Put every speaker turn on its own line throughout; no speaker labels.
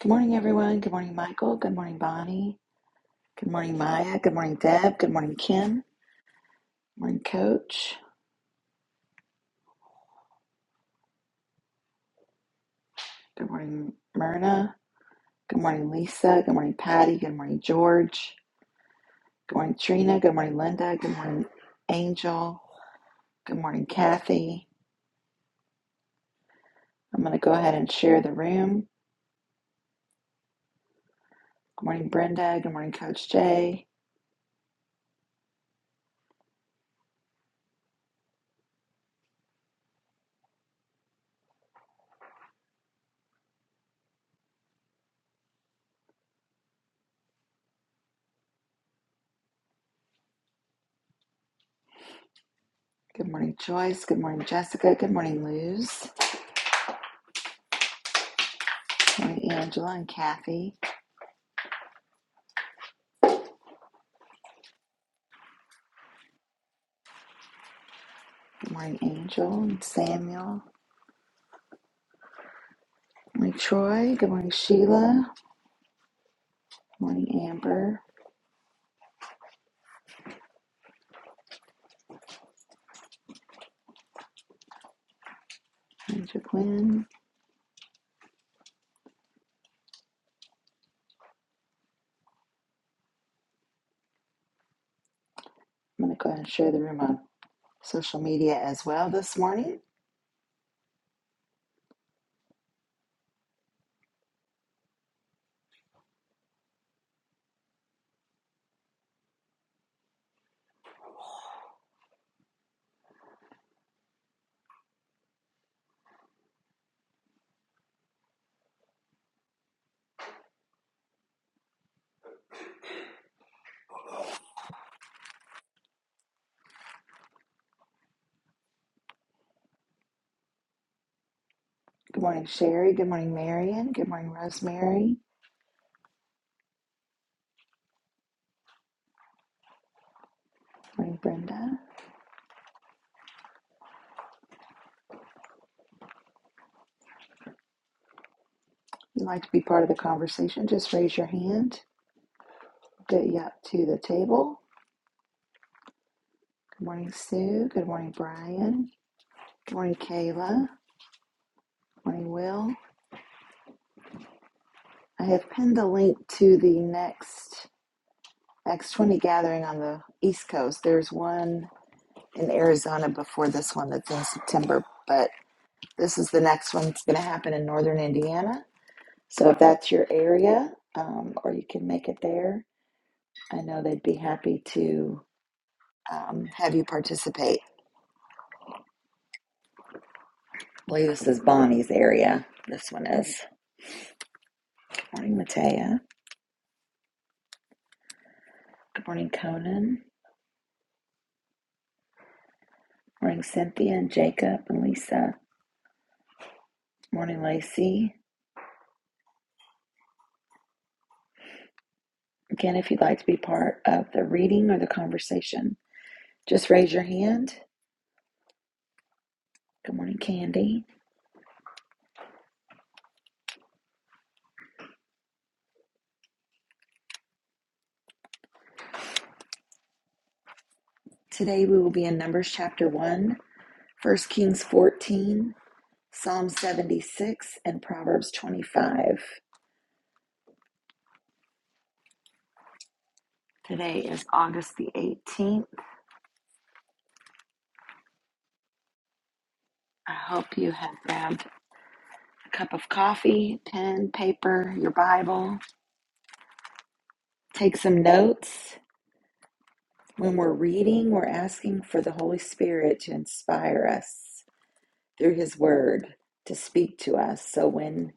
Good morning, everyone. Good morning, Michael. Good morning, Bonnie. Good morning, Maya. Good morning, Deb. Good morning, Kim. Good morning, Coach. Good morning, Myrna. Good morning, Lisa. Good morning, Patty. Good morning, George. Good morning, Trina. Good morning, Linda. Good morning, Angel. Good morning, Kathy. I'm going to go ahead and share the room. Good morning, Brenda. Good morning, Coach Jay. Good morning, Joyce. Good morning, Jessica. Good morning, Luz. Good morning, Angela and Kathy. Good morning, Angel and Samuel. morning, Troy. Good morning, Sheila. morning, Amber. morning, Jacqueline. I'm going to go ahead and share the room on social media as well this morning. Good morning, Sherry. Good morning, Marion. Good morning, Rosemary. Good morning, Brenda. If you'd like to be part of the conversation, just raise your hand. Get you up to the table. Good morning, Sue. Good morning, Brian. Good morning, Kayla. Good morning, Will. I have pinned the link to the next X20 gathering on the East Coast. There's one in Arizona before this one that's in September, but this is the next one that's going to happen in northern Indiana. So if that's your area, um, or you can make it there, I know they'd be happy to um, have you participate. I believe this is Bonnie's area. This one is. Good morning, Matea. Good morning, Conan. Good morning, Cynthia and Jacob and Lisa. Good morning, Lacey. Again, if you'd like to be part of the reading or the conversation, just raise your hand. Good morning, Candy. Today we will be in Numbers chapter one, First Kings 14, Psalm 76, and Proverbs 25. Today is August the 18th. I hope you have grabbed a cup of coffee, pen, paper, your Bible. Take some notes. When we're reading, we're asking for the Holy Spirit to inspire us through His Word to speak to us. So when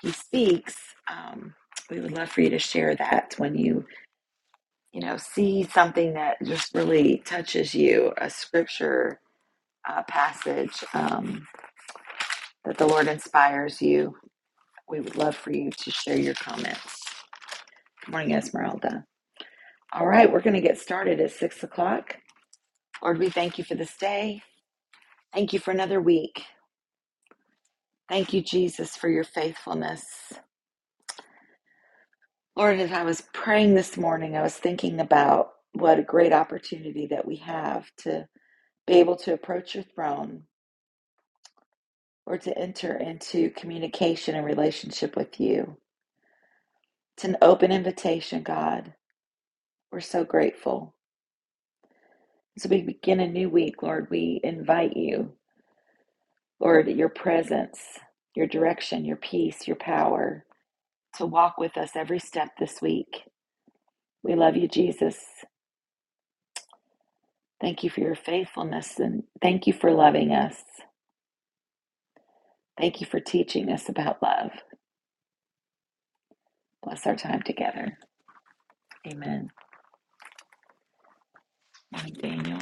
He speaks, um, we would love for you to share that when you you know, see something that just really touches you, a scripture uh, passage um, that the Lord inspires you, we would love for you to share your comments. Good morning, Esmeralda. All right, we're going to get started at six o'clock. Lord, we thank you for this day. Thank you for another week. Thank you, Jesus, for your faithfulness. Lord, as I was praying this morning, I was thinking about what a great opportunity that we have to be able to approach your throne or to enter into communication and relationship with you. It's an open invitation, God. We're so grateful. As we begin a new week, Lord, we invite you, Lord, your presence, your direction, your peace, your power to walk with us every step this week. We love you, Jesus. Thank you for your faithfulness and thank you for loving us. Thank you for teaching us about love. Bless our time together. Amen. Amen, Daniel.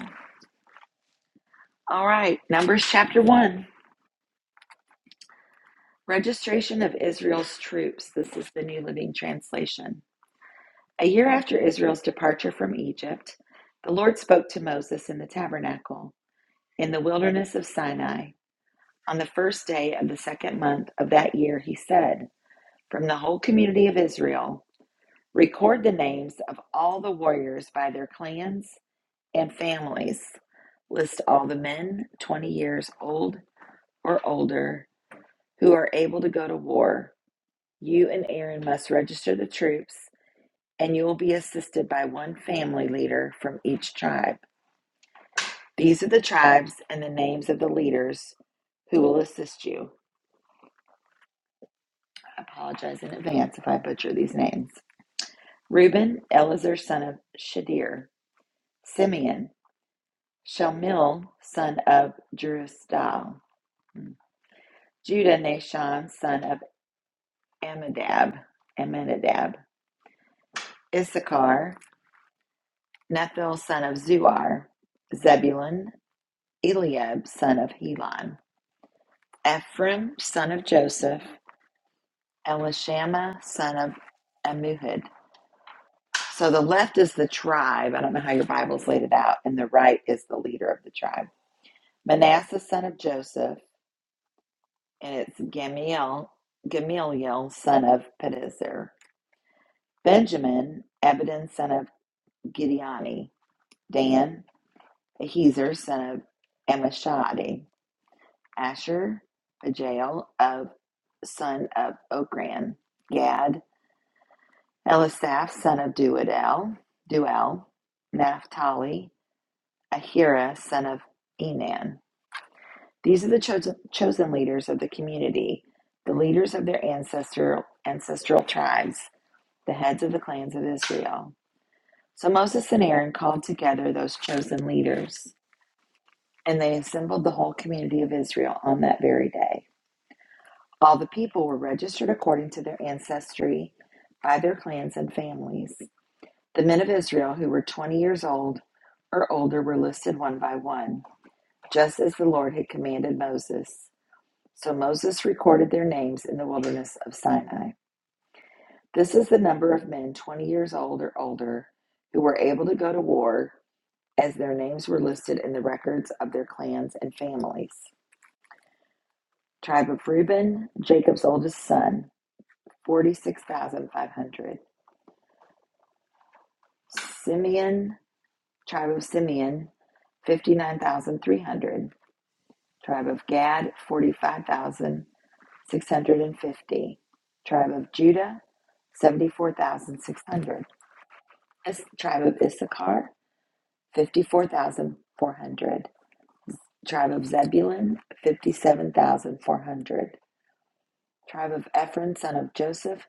All right, Numbers chapter 1. Registration of Israel's troops. This is the New Living Translation. A year after Israel's departure from Egypt, the Lord spoke to Moses in the tabernacle in the wilderness of Sinai. On the first day of the second month of that year, he said, From the whole community of Israel, record the names of all the warriors by their clans and families. List all the men 20 years old or older who are able to go to war You and Aaron must register the troops, and you will be assisted by one family leader from each tribe. These are the tribes and the names of the leaders who will assist you. I apologize in advance if I butcher these names. Reuben, Elazar, son of Shadir. Simeon, Shelmiel, son of Jerusadal. Judah, Nashon, son of Amminadab. Amminadab. Issachar, Nethiel, son of Zuar. Zebulun, Eliab son of Helon, Ephraim son of Joseph, Elishama son of Amuhud. So the left is the tribe. I don't know how your Bibles laid it out, and the right is the leader of the tribe. Manasseh son of Joseph, and it's Gamiel, Gamaliel son of Pedazur. Benjamin, Ebedin son of Gideoni. Dan, Ahazer son of Amishadi. Asher, Pagiel of son of Okran, Gad, Elisaph, son of Duadel, Duel, Naphtali, Ahira, son of Enan. These are the chosen, chosen leaders of the community, the leaders of their ancestral, ancestral tribes, the heads of the clans of Israel. So Moses and Aaron called together those chosen leaders, and they assembled the whole community of Israel on that very day. All the people were registered according to their ancestry by their clans and families. The men of Israel who were 20 years old or older were listed one by one, just as the Lord had commanded Moses. So Moses recorded their names in the wilderness of Sinai. This is the number of men 20 years old or older who were able to go to war, as their names were listed in the records of their clans and families. Tribe of Reuben, Jacob's oldest son, 46,500. Simeon, tribe of Simeon, 59,300. Tribe of Gad, 45,650. Tribe of Judah, 74,600. Tribe of Issachar, 54,400. Tribe of Zebulun, 57,400. Tribe of Ephraim, son of Joseph,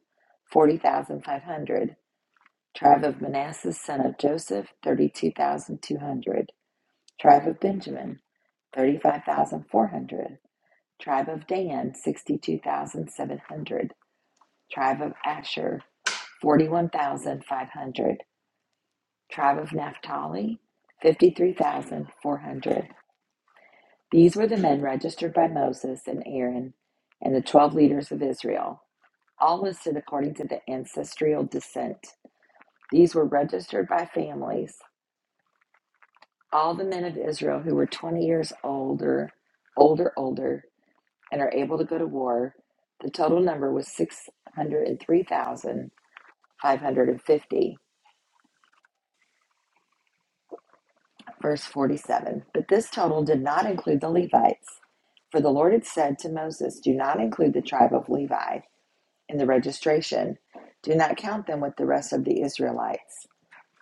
40,500. Tribe of Manasseh, son of Joseph, 32,200. Tribe of Benjamin, 35,400. Tribe of Dan, 62,700. Tribe of Asher, 41,500. Tribe of Naphtali, 53,400. These were the men registered by Moses and Aaron and the 12 leaders of Israel, all listed according to the ancestral descent. These were registered by families. All the men of Israel who were 20 years older, older, older and are able to go to war. The total number was 603,550. Verse 47 But this total did not include the Levites. For the Lord had said to Moses, Do not include the tribe of Levi in the registration, do not count them with the rest of the Israelites.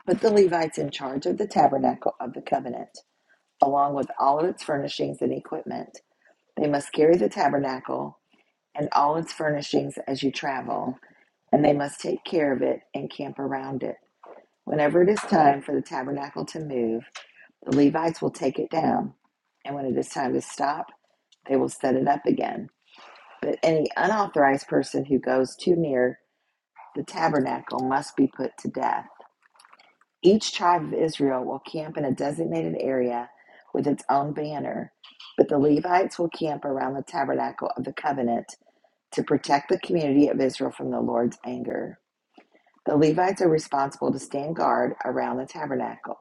Put the Levites in charge of the tabernacle of the covenant, along with all of its furnishings and equipment. They must carry the tabernacle and all its furnishings as you travel. and they must take care of it and camp around it. Whenever it is time for the tabernacle to move, the Levites will take it down, and when it is time to stop, they will set it up again. But any unauthorized person who goes too near the tabernacle must be put to death. Each tribe of Israel will camp in a designated area with its own banner, but the Levites will camp around the tabernacle of the covenant to protect the community of Israel from the Lord's anger. The Levites are responsible to stand guard around the tabernacle.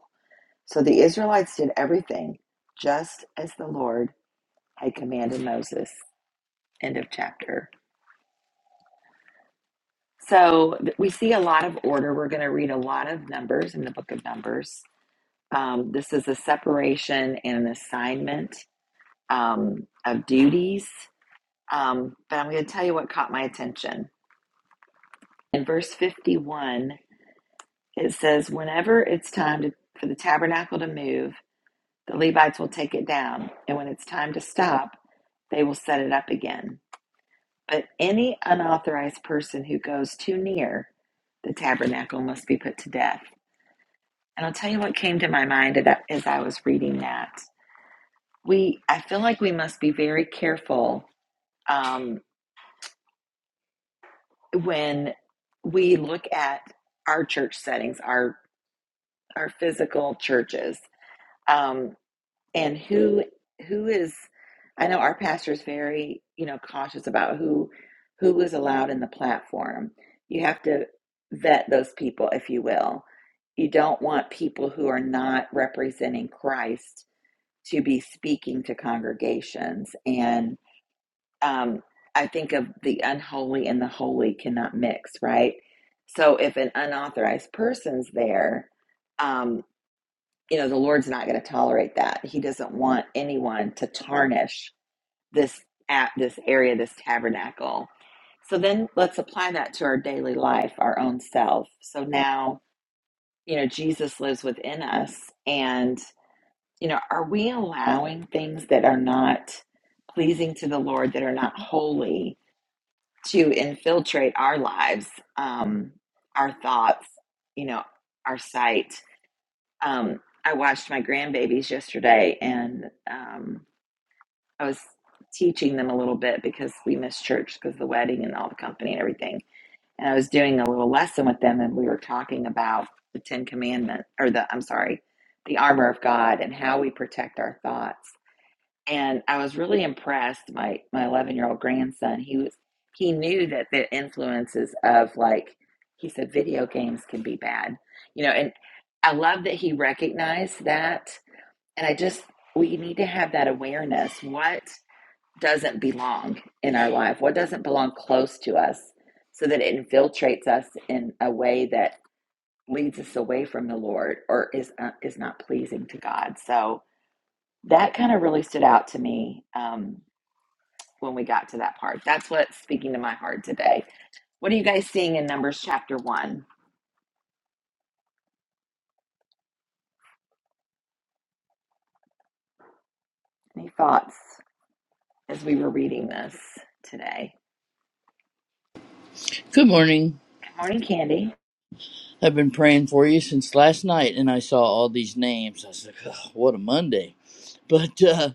So the Israelites did everything just as the Lord had commanded Moses. End of chapter. So th- we see a lot of order. We're going to read a lot of numbers in the book of Numbers. Um, this is a separation and an assignment um, of duties. Um, but I'm going to tell you what caught my attention. In verse 51, it says, Whenever it's time to, for the tabernacle to move, The Levites will take it down, and when it's time to stop, they will set it up again. But any unauthorized person who goes too near the tabernacle must be put to death. And I'll tell you what came to my mind as I was reading that. We, I feel like we must be very careful um, when we look at our church settings, our our physical churches. Um, and who who is i know our pastor is very you know cautious about who who is allowed in the platform you have to vet those people if you will you don't want people who are not representing christ to be speaking to congregations and um, i think of the unholy and the holy cannot mix right so if an unauthorized person's there um, you know, the Lord's not going to tolerate that. He doesn't want anyone to tarnish this at this area, this tabernacle. So then let's apply that to our daily life, our own self. So now, you know, Jesus lives within us. And, you know, are we allowing things that are not pleasing to the Lord, that are not holy, to infiltrate our lives, um, our thoughts, you know, our sight? um, I watched my grandbabies yesterday, and um, I was teaching them a little bit because we missed church because of the wedding and all the company and everything. And I was doing a little lesson with them, and we were talking about the Ten Commandments, or the I'm sorry, the armor of God, and how we protect our thoughts and I was really impressed. My my eleven year old grandson, he was he knew that the influences of like he said, video games can be bad, you know. And I love that he recognized that. And I just we need to have that awareness. What doesn't belong in our life? What doesn't belong close to us, so that it infiltrates us in a way that leads us away from the Lord or is uh, is not pleasing to God. So that kind of really stood out to me. Um, when we got to that part. That's what's speaking to my heart today. What are you guys seeing in Numbers chapter 1? Any thoughts as we were reading this today?
Good morning.
Good morning, Candy.
I've been praying for you since last night, and I saw all these names. I was like, oh, what a Monday. But uh,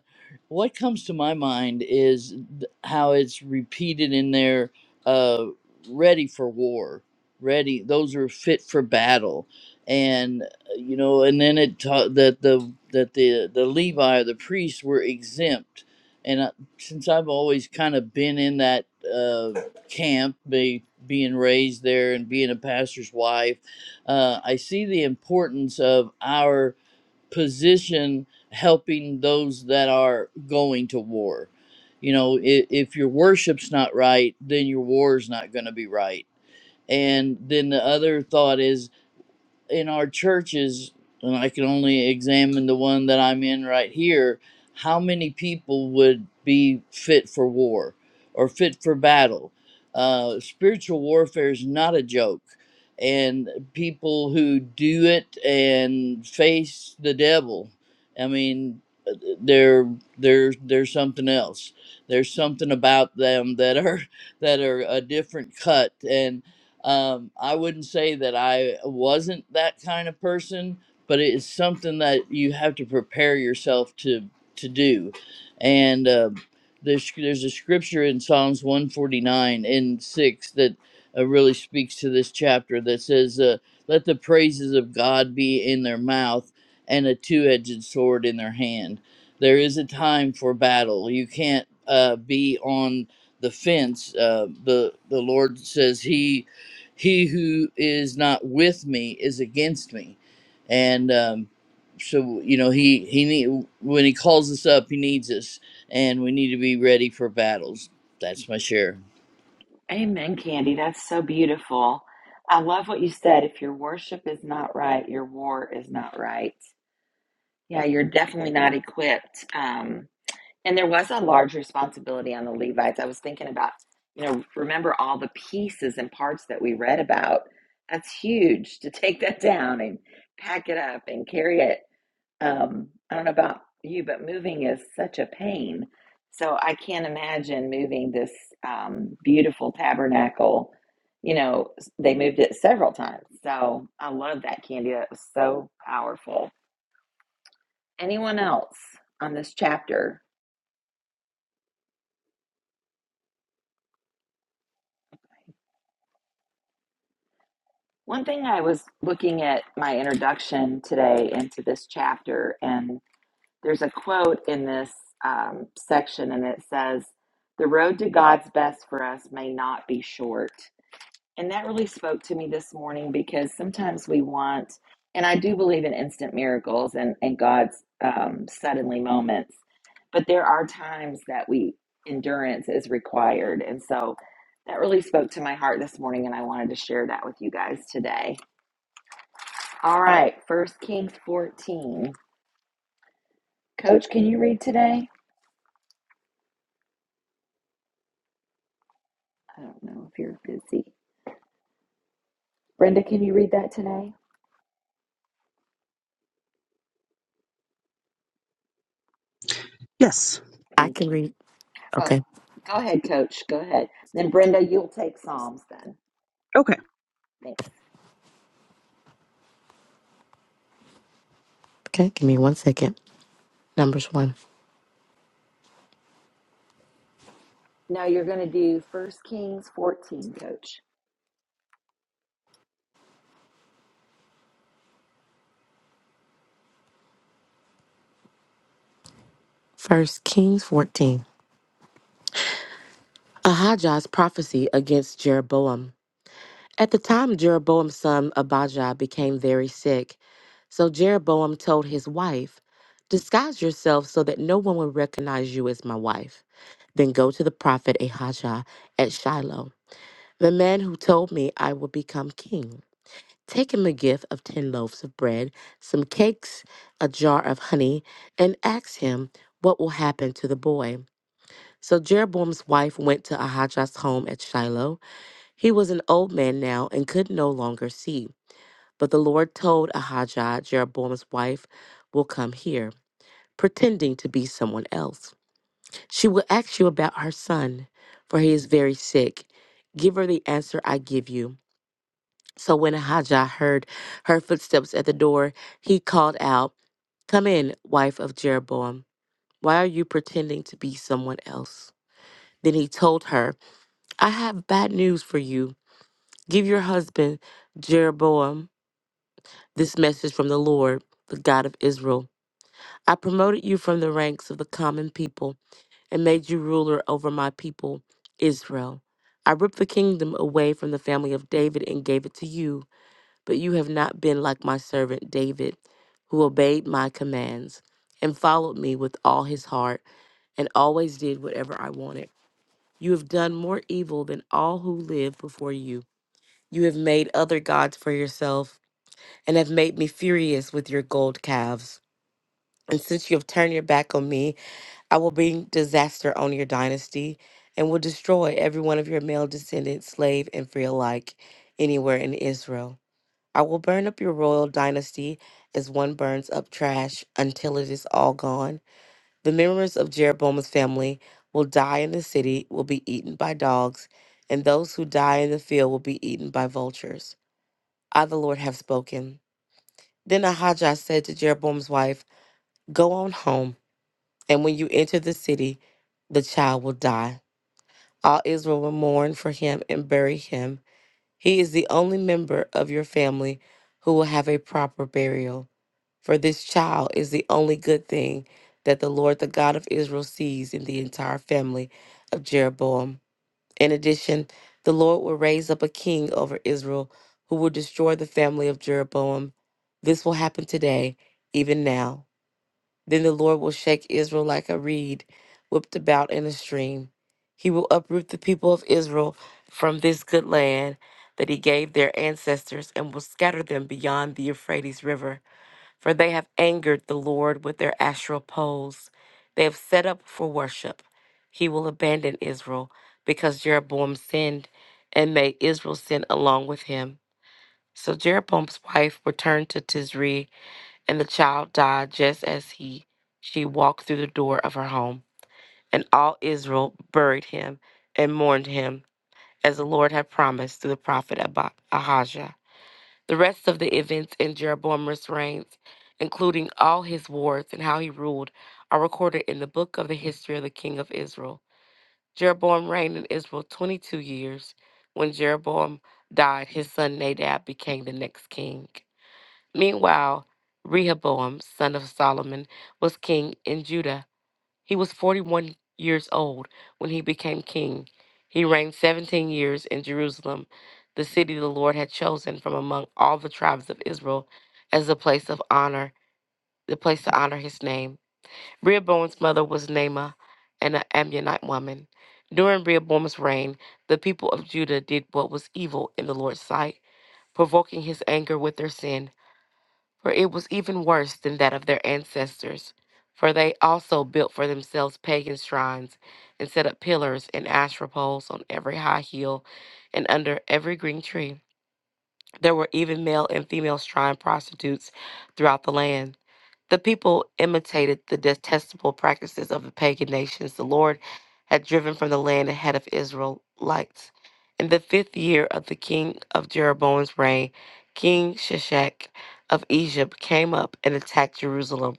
what comes to my mind is th- how it's repeated in there uh, ready for war, ready, those are fit for battle. And uh, you know, and then it taught that the that the the Levi or the priests were exempt. And uh, since I've always kind of been in that uh, camp, be, being raised there and being a pastor's wife, uh, I see the importance of our position helping those that are going to war. You know, if, if your worship's not right, then your war's not going to be right. And then the other thought is in our churches, and I can only examine the one that I'm in right here, how many people would be fit for war or fit for battle? Uh, spiritual warfare is not a joke. And people who do it and face the devil, I mean, there, there, there's something else. There's something about them that are that are a different cut, and. Um, I wouldn't say that I wasn't that kind of person, but it is something that you have to prepare yourself to to do. And uh, there's there's a scripture in Psalms 149 and six that uh, really speaks to this chapter that says, uh, "Let the praises of God be in their mouth and a two-edged sword in their hand." There is a time for battle. You can't uh, be on the fence. Uh, the the Lord says He he who is not with me is against me and um, so you know he he need, when he calls us up he needs us and we need to be ready for battles that's my share
Amen, Candy. That's so beautiful. I love what you said. If your worship is not right, your war is not right. Yeah, you're definitely not equipped. Um, And there was a large responsibility on the Levites. I was thinking about, you know, remember all the pieces and parts that we read about. That's huge to take that down and pack it up and carry it. Um, I don't know about you, but moving is such a pain. So I can't imagine moving this um, beautiful tabernacle. You know, they moved it several times. So I love that, Candy. That was so powerful. Anyone else on this chapter? One thing I was looking at my introduction today into this chapter, and there's a quote in this um, section, and it says, The road to God's best for us may not be short. And that really spoke to me this morning because sometimes we want, and I do believe in instant miracles and, and God's um, suddenly moments, but there are times that we endurance is required. And so that really spoke to my heart this morning, and I wanted to share that with you guys today. All right, First Kings 14. Coach, can you read today? I don't know if you're busy. Brenda, can you read that today?
Yes.
I
Thank
can
you.
read.
Oh,
Okay.
go ahead, Coach. Go ahead. Then Brenda, you'll take Psalms then.
Okay.
Thanks.
Okay. Give me one second. Numbers one.
No, you're going to do First Kings 14, Coach.
First Kings 14. Ahijah's prophecy against Jeroboam. At the time, Jeroboam's son Abijah became very sick. So Jeroboam told his wife, Disguise yourself so that no one will recognize you as my wife. Then go to the prophet Ahijah at Shiloh, the man who told me I will become king. Take him a gift of ten loaves of bread, some cakes, a jar of honey, and ask him what will happen to the boy. So Jeroboam's wife went to Ahijah's home at Shiloh. He was an old man now and could no longer see. But the Lord told Ahijah, Jeroboam's wife will come here, pretending to be someone else. She will ask you about her son, for he is very sick. Give her the answer I give you. So when Ahijah heard her footsteps at the door, he called out, Come in, wife of Jeroboam. Why are you pretending to be someone else? Then he told her, I have bad news for you. Give your husband, Jeroboam, this message from the Lord, the God of Israel. I promoted you from the ranks of the common people and made you ruler over my people, Israel. I ripped the kingdom away from the family of David and gave it to you. But you have not been like my servant David, who obeyed my commands and followed me with all his heart and always did whatever I wanted. You have done more evil than all who lived before you. You have made other gods for yourself and have made me furious with your gold calves. And since you have turned your back on me, I will bring disaster on your dynasty and will destroy every one of your male descendants, slave and free alike, anywhere in Israel. I will burn up your royal dynasty as one burns up trash until it is all gone. The members of Jeroboam's family will die in the city, will be eaten by dogs, and those who die in the field will be eaten by vultures. I, the Lord, have spoken. Then Ahijah said to Jeroboam's wife, Go on home, and when you enter the city, the child will die. All Israel will mourn for him and bury him He is the only member of your family who will have a proper burial. For this child is the only good thing that the Lord, the God of Israel, sees in the entire family of Jeroboam. In addition, the Lord will raise up a king over Israel who will destroy the family of Jeroboam. This will happen today, even now. Then the Lord will shake Israel like a reed whipped about in a stream. He will uproot the people of Israel from this good land that he gave their ancestors and will scatter them beyond the Euphrates River. For they have angered the Lord with their astral poles. They have set up for worship. He will abandon Israel because Jeroboam sinned and made Israel sin along with him. So Jeroboam's wife returned to Tizri and the child died just as he she walked through the door of her home. And all Israel buried him and mourned him, as the Lord had promised through the prophet Ab- Ahijah. The rest of the events in Jeroboam's reigns, including all his wars and how he ruled, are recorded in the book of the history of the king of Israel. Jeroboam reigned in Israel 22 years. When Jeroboam died, his son Nadab became the next king. Meanwhile, Rehoboam, son of Solomon, was king in Judah. He was 41 years old when he became king. He reigned 17 years in Jerusalem, the city the Lord had chosen from among all the tribes of Israel as the place of honor, the place to honor his name. Rehoboam's mother was Naamah, an Ammonite woman. During Rehoboam's reign, the people of Judah did what was evil in the Lord's sight, provoking his anger with their sin for it was even worse than that of their ancestors. For they also built for themselves pagan shrines and set up pillars and asherah poles on every high hill and under every green tree. There were even male and female shrine prostitutes throughout the land. The people imitated the detestable practices of the pagan nations the Lord had driven from the land ahead of Israelites. In the fifth year of the king of Jeroboam's reign, King Shishak of Egypt came up and attacked Jerusalem.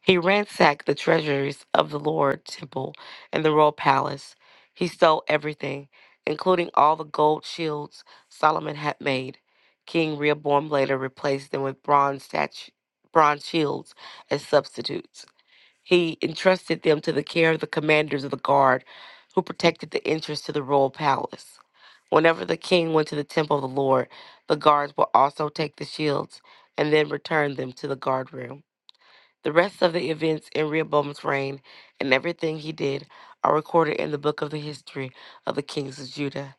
He ransacked the treasuries of the Lord temple and the royal palace. He stole everything, including all the gold shields Solomon had made. King Rehoboam later replaced them with bronze statu- bronze shields as substitutes. He entrusted them to the care of the commanders of the guard, who protected the entrance to the royal palace. Whenever the king went to the temple of the Lord, the guards would also take the shields and then return them to the guard room. The rest of the events in Rehoboam's reign and everything he did are recorded in the book of the history of the kings of Judah.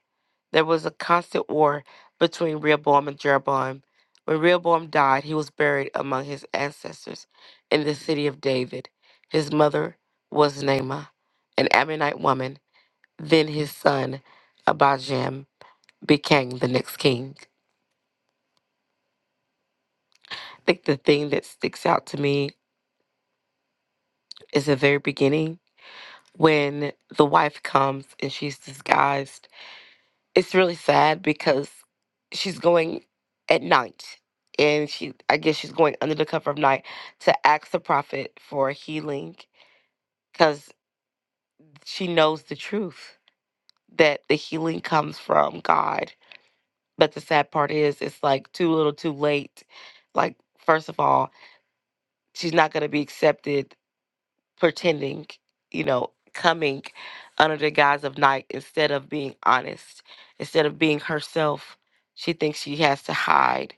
There was a constant war between Rehoboam and Jeroboam. When Rehoboam died, he was buried among his ancestors in the city of David. His mother was Naamah, an Ammonite woman. Then his son, Abijam, became the next king. I think the thing that sticks out to me is the very beginning when the wife comes and she's disguised. It's really sad because she's going at night and she I guess she's going under the cover of night to ask the prophet for healing cuz she knows the truth that the healing comes from God. But the sad part is it's like too little too late. Like first of all, she's not going to be accepted pretending, you know, coming under the guise of night instead of being honest, instead of being herself. She thinks she has to hide,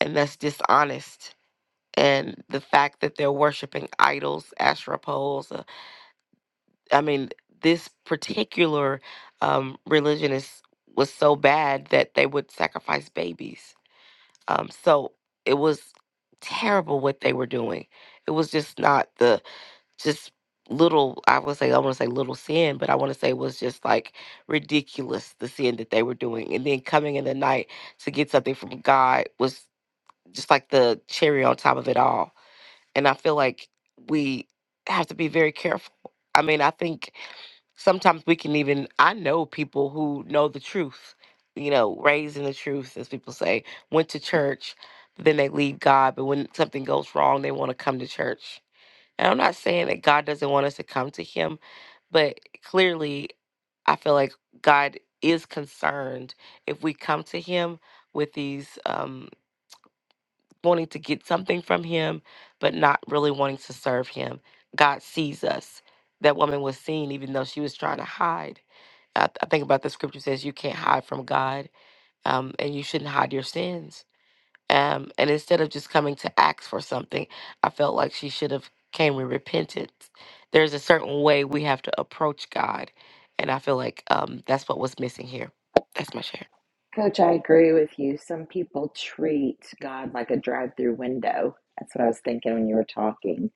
and that's dishonest. And the fact that they're worshiping idols, Asherah poles, uh, I mean, this particular um, religion is was so bad that they would sacrifice babies. Um, so it was terrible what they were doing. It was just not the just little i would say i want to say little sin but i want to say was just like ridiculous the sin that they were doing and then coming in the night to get something from god was just like the cherry on top of it all and i feel like we have to be very careful i mean i think sometimes we can even i know people who know the truth you know raised in the truth as people say went to church but then they leave god but when something goes wrong they want to come to church and I'm not saying that God doesn't want us to come to Him, but clearly, I feel like God is concerned if we come to Him with these um, wanting to get something from Him, but not really wanting to serve Him. God sees us. That woman was seen, even though she was trying to hide. I, I think about the scripture says you can't hide from God, um, and you shouldn't hide your sins um, and instead of just coming to ask for something i felt like she should have came with repentance there's a certain way we have to approach god and i feel like um, that's what was missing here that's my share
Coach, I agree with you. Some people treat God like a drive-through window. That's what I was thinking when you were talking.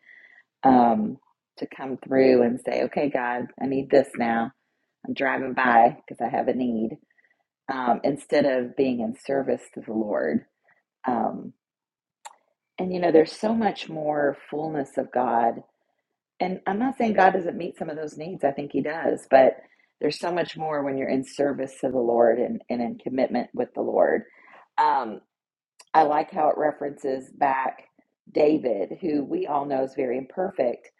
Um, to come through and say, "Okay, God, I need this now. I'm driving by because I have a need." um, instead of being in service to the Lord. Um, and you know, there's so much more fullness of God. And I'm not saying God doesn't meet some of those needs, I think He does, but there's so much more when you're in service to the Lord and, and in commitment with the Lord. Um, I like how it references back David, who we all know is very imperfect,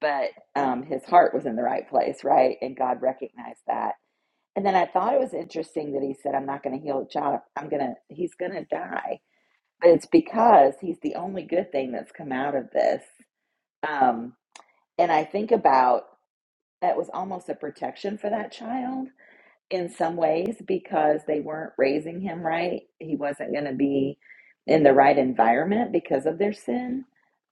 but um, his heart was in the right place, right? And God recognized that and then I thought it was interesting that he said, I'm not going to heal a child. I'm going to, he's going to die. But it's because he's the only good thing that's come out of this. Um, and I think about that was almost a protection for that child in some ways because they weren't raising him right. He wasn't going to be in the right environment because of their sin.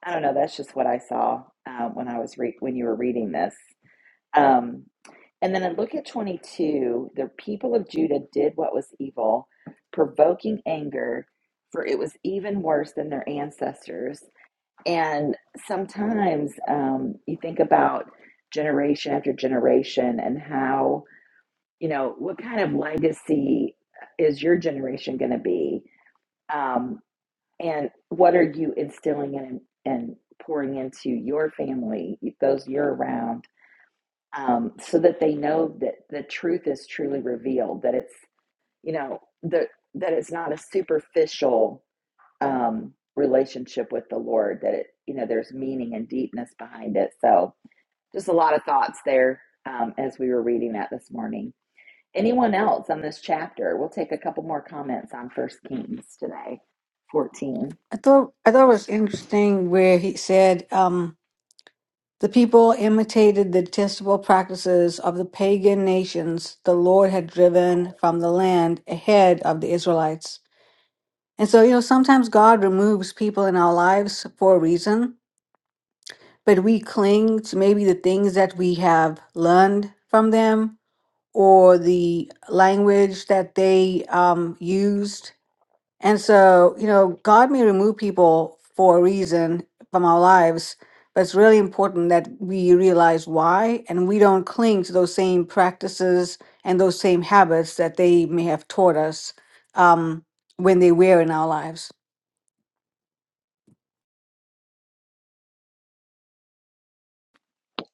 I don't know. That's just what I saw uh, when I was re- when you were reading this. Um, and then I look at 22. The people of Judah did what was evil, provoking anger, for it was even worse than their ancestors. And sometimes um, you think about generation after generation and how, you know, what kind of legacy is your generation going to be? Um, and what are you instilling and, and pouring into your family, those you're around? um, so that they know that the truth is truly revealed that it's you know the, that it's not a superficial um, relationship with the lord that it you know there's meaning and deepness behind it so just a lot of thoughts there um, as we were reading that this morning anyone else on this chapter we'll take a couple more comments on first kings today 14
I thought I thought it was interesting where he said um, the people imitated the detestable practices of the pagan nations the Lord had driven from the land ahead of the Israelites. And so, you know, sometimes God removes people in our lives for a reason, but we cling to maybe the things that we have learned from them or the language that they um, used And so, you know, God may remove people for a reason from our lives, but it's really important that we realize why and we don't cling to those same practices and those same habits that they may have taught us um, when they were in our lives.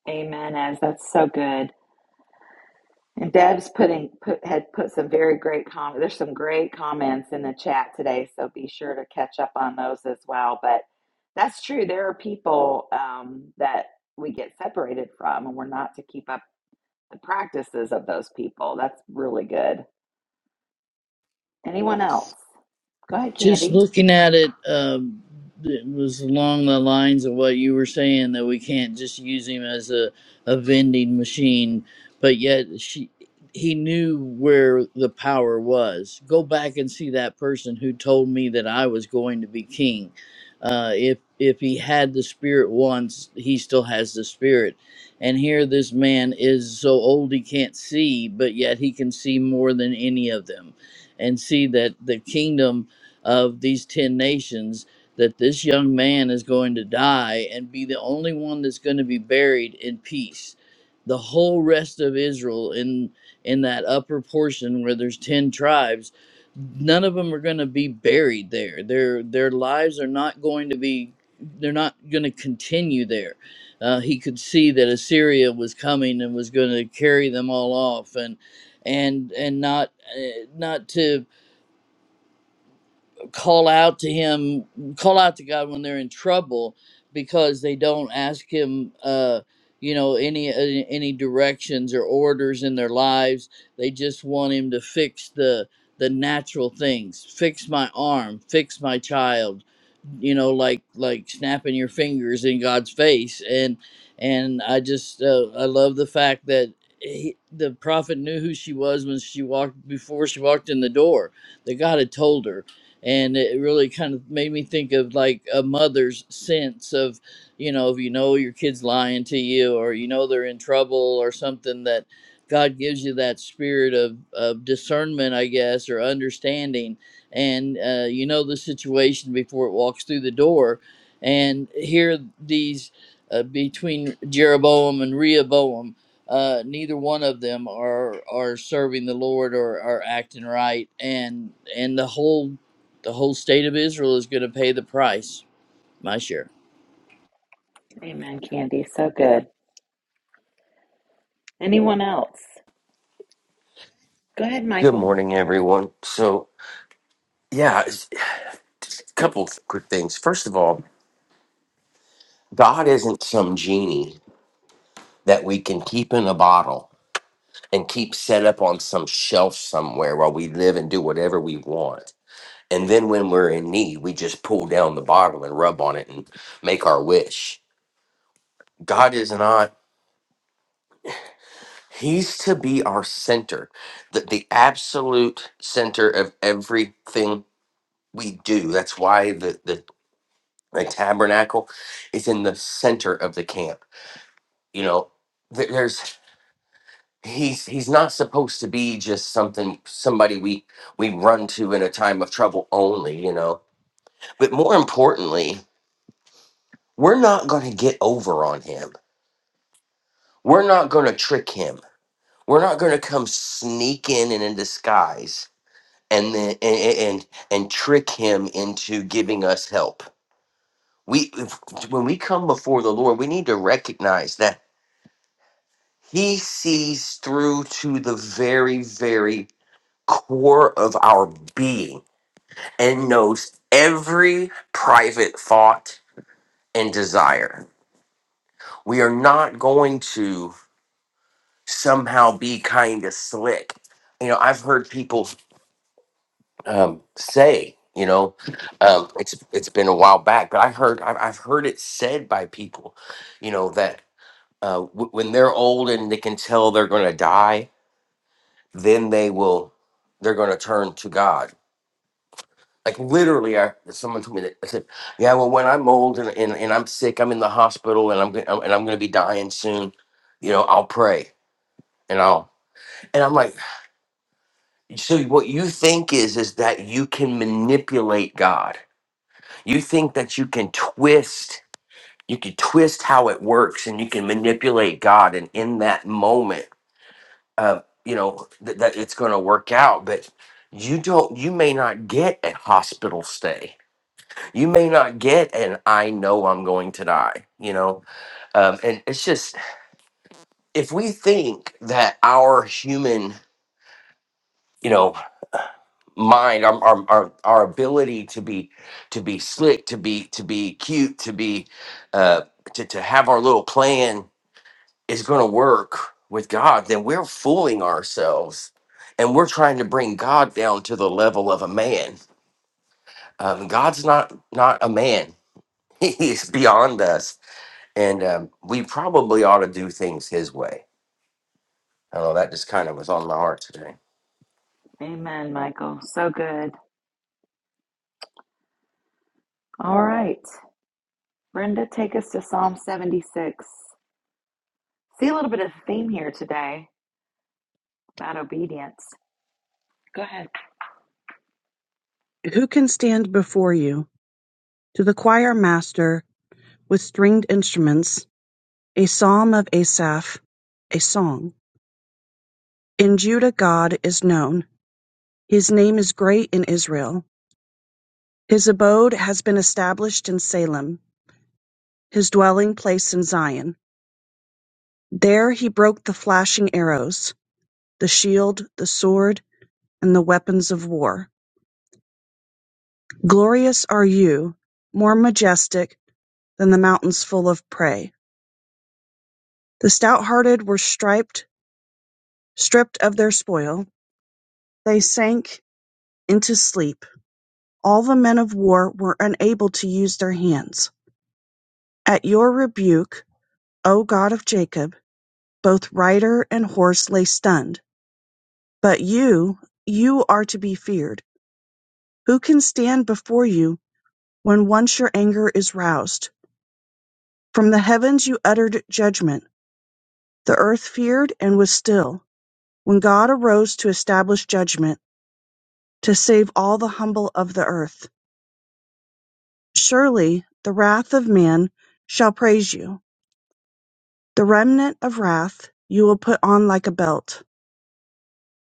amen as that's so good And Deb's putting put had put some very great comments. There's some great comments in the chat today, so be sure to catch up on those as well. But that's true. There are people um, that we get separated from, and we're not to keep up the practices of those people. That's really good. Anyone else? Go ahead,
Just
Candy.
looking at it, um, it was along the lines of what you were saying that we can't just use him as a, a vending machine, but yet she, he knew where the power was. Go back and see that person who told me that I was going to be king. Uh, if if he had the spirit once, he still has the spirit. And here, this man is so old he can't see, but yet he can see more than any of them, and see that the kingdom of these 10 nations that this young man is going to die and be the only one that's going to be buried in peace. The whole rest of Israel in in that upper portion where there's 10 tribes, none of them are going to be buried there. Their their lives are not going to be they're not going to continue there. Uh, he could see that Assyria was coming and was going to carry them all off and and and not uh, not to call out to him call out to god when they're in trouble because they don't ask him uh you know any uh, any directions or orders in their lives they just want him to fix the the natural things fix my arm fix my child you know like like snapping your fingers in god's face and and i just uh, i love the fact that he, the prophet knew who she was when she walked before she walked in the door that god had told her and it really kind of made me think of like a mother's sense of you know if you know your kid's lying to you or you know they're in trouble or something that god gives you that spirit of, of discernment i guess or understanding and uh, you know the situation before it walks through the door and here these uh, between jeroboam and rehoboam uh, neither one of them are are serving the Lord or are acting right, and and the whole the whole state of Israel is going to pay the price, my share.
Amen, Candy. So good. Anyone else? Go ahead,
Good
Michael.
morning, everyone. So, yeah, it's- a couple of quick things. First of all, God isn't some genie that we can keep in a bottle and keep set up on some shelf somewhere while we live and do whatever we want. And then when we're in need, we just pull down the bottle and rub on it and make our wish. God is not, He's to be our center, the, the absolute center of everything we do. That's why the, the the tabernacle is in the center of the camp you know th- there's he's he's not supposed to be just something somebody we we run to in a time of trouble only you know but more importantly we're not going to get over on him we're not going to trick him we're not going to come sneak in and in disguise and then and, and and trick him into giving us help we if, when we come before the lord we need to recognize that He sees through to the very, very core of our being and knows every private thought and desire. We are not going to somehow be kind of slick. You know, I've heard people um, say, you know, um, it's it's been a while back, but I heard I've I've heard it said by people, you know, that uh, w- when they're old and they can tell they're going to die, then they will they're going to turn to god like literally I, someone told me that i said yeah well when i'm old and, and, and i'm sick i'm in the hospital and i'm go- and i'm going to be dying soon you know i'll pray and i'll and i'm like so what you think is is that you can manipulate god you think that you can twist you can twist how it works and you can manipulate god and in that moment uh, you know th- that it's going to work out but you don't you may not get a hospital stay you may not get an i know i'm going to die you know um, and it's just if we think that our human you know mind our, our our our ability to be to be slick to be to be cute to be uh to, to have our little plan is going to work with God, then we're fooling ourselves and we're trying to bring God down to the level of a man. Um, God's not not a man. He's beyond us. And um, we probably ought to do things his way. I don't know, that just kind of was on my heart today.
Amen, Michael. So good. All right. Brenda, take us to Psalm 76. See a little bit of a theme here today about obedience. Go ahead.
Who can stand before you? To the choir master with stringed instruments, a psalm of Asaph, a song. In Judah, God is known. His name is great in Israel. His abode has been established in Salem, his dwelling place in Zion. There he broke the flashing arrows, the shield, the sword, and the weapons of war. Glorious are you, more majestic than the mountains full of prey. The stout-hearted were striped, stripped of their spoil; they sank into sleep; all the men of war were unable to use their hands. At your rebuke, O God of Jacob, both rider and horse lay stunned. But you, you are to be feared. Who can stand before you when once your anger is roused? From the heavens you uttered judgment; the earth feared and was still, when God arose to establish judgment, to save all the humble of the earth. Surely the wrath of man shall praise you; the remnant of wrath you will put on like a belt.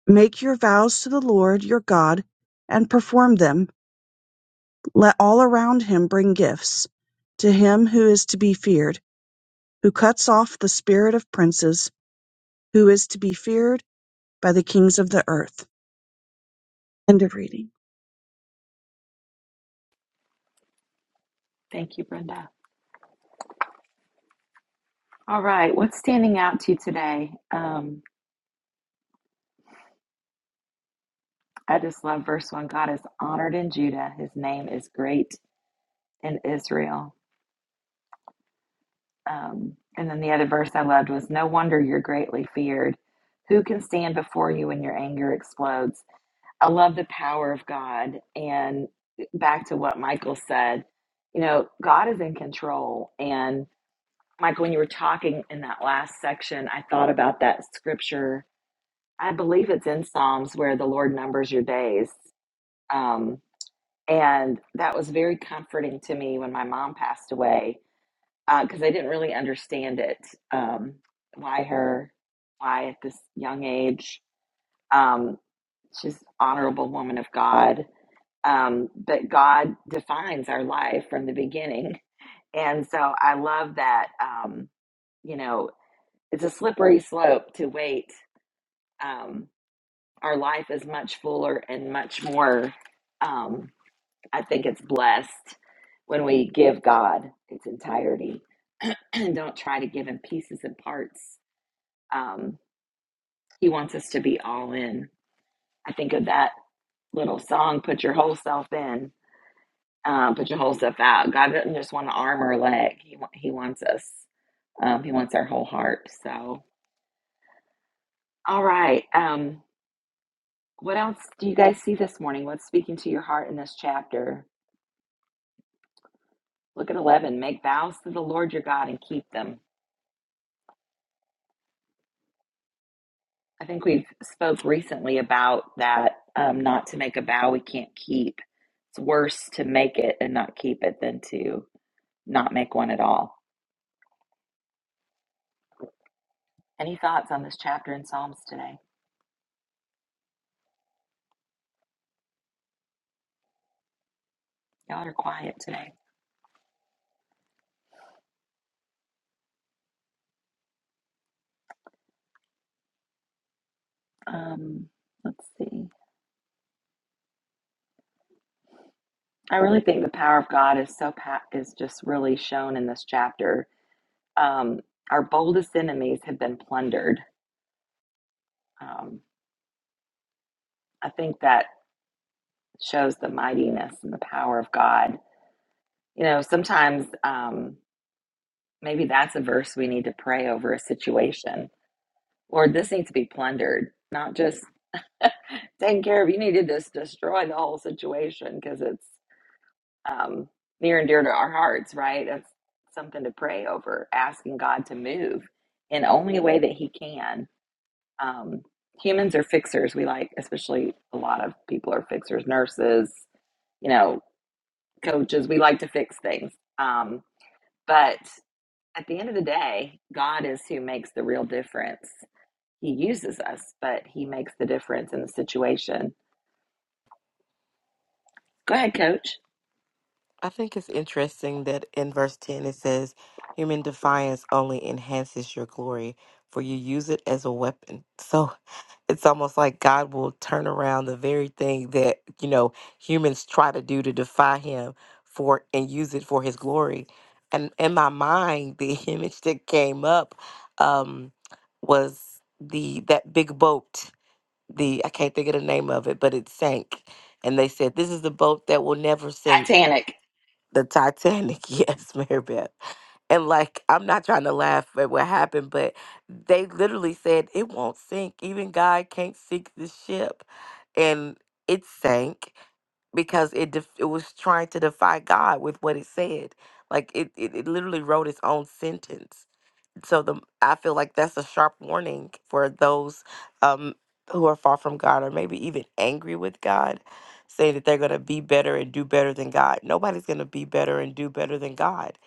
Make your vows to the Lord your God, and perform them. Let all around him bring gifts to him who is to be feared, who cuts off the spirit of princes, who is to be feared by the kings of the earth. End of reading.
Thank you, Brenda. All right. What's standing out to you today? Um, I just love verse 1. God is honored in Judah, his name is great in Israel. Um, and then the other verse I loved was No wonder you're greatly feared. Who can stand before you when your anger explodes? I love the power of God. And back to what Michael said, you know, God is in control. And Michael, when you were talking in that last section, I thought about that scripture. I believe it's in Psalms where the Lord numbers your days. Um, and that was very comforting to me when my mom passed away because I didn't really understand it. Um, why her? Why at this young age? Um, she's an honorable woman of God um, but God defines our life from the beginning. And so I love that, um, you know, it's a slippery slope to wait. Um, our life is much fuller and much more, um, I think it's blessed when we give God its entirety and don't try to give him pieces and parts. Um, he wants us to be all in. I think of that little song, Put Your Whole Self In. um, put your whole stuff out. God doesn't just want an arm or a leg. He wa- he wants us. Um, he wants our whole heart. So, all right. Um, what else do you guys see this morning? What's speaking to your heart in this chapter? Look at eleven. Make vows to the Lord your God and keep them. I think we've spoke recently about that. Um, not to make a vow we can't keep. It's worse to make it and not keep it than to not make one at all. Any thoughts on this chapter in Psalms today? Y'all are quiet today. Um, let's see. I really think the power of God is so pa- is just really shown in this chapter. Um, our boldest enemies have been plundered. Um, I think that shows the mightiness and the power of God. You know, sometimes um, maybe that's a verse we need to pray over a situation. Lord, this needs to be plundered, not just taken care of. You need to just destroy the whole situation because it's um, near and dear to our hearts, right? That's something to pray over, asking God to move in only a way that He can. Um, humans are fixers. We like, especially a lot of people are fixers, nurses, you know, coaches. We like to fix things. Um, but at the end of the day, God is who makes the real difference. He uses us, but He makes the difference in the situation. Go ahead, coach.
I think it's interesting that in verse 10 it says, Human defiance only enhances your glory, for you use it as a weapon. So it's almost like God will turn around the very thing that, you know, humans try to do to defy him for and use it for his glory. And in my mind, the image that came up um, was the that big boat. The I can't think of the name of it, but it sank. And they said, This is the boat that will never sink
Titanic.
the Titanic, yes, Mary Beth. And like, I'm not trying to laugh at what happened, but they literally said it won't sink. Even God can't sink this ship, and it sank because it def- it was trying to defy God with what it said. Like it, it, it literally wrote its own sentence so the I feel like that's a sharp warning for those um who are far from God or maybe even angry with God, saying that they're gonna be better and do better than God. Nobody's gonna be better and do better than God.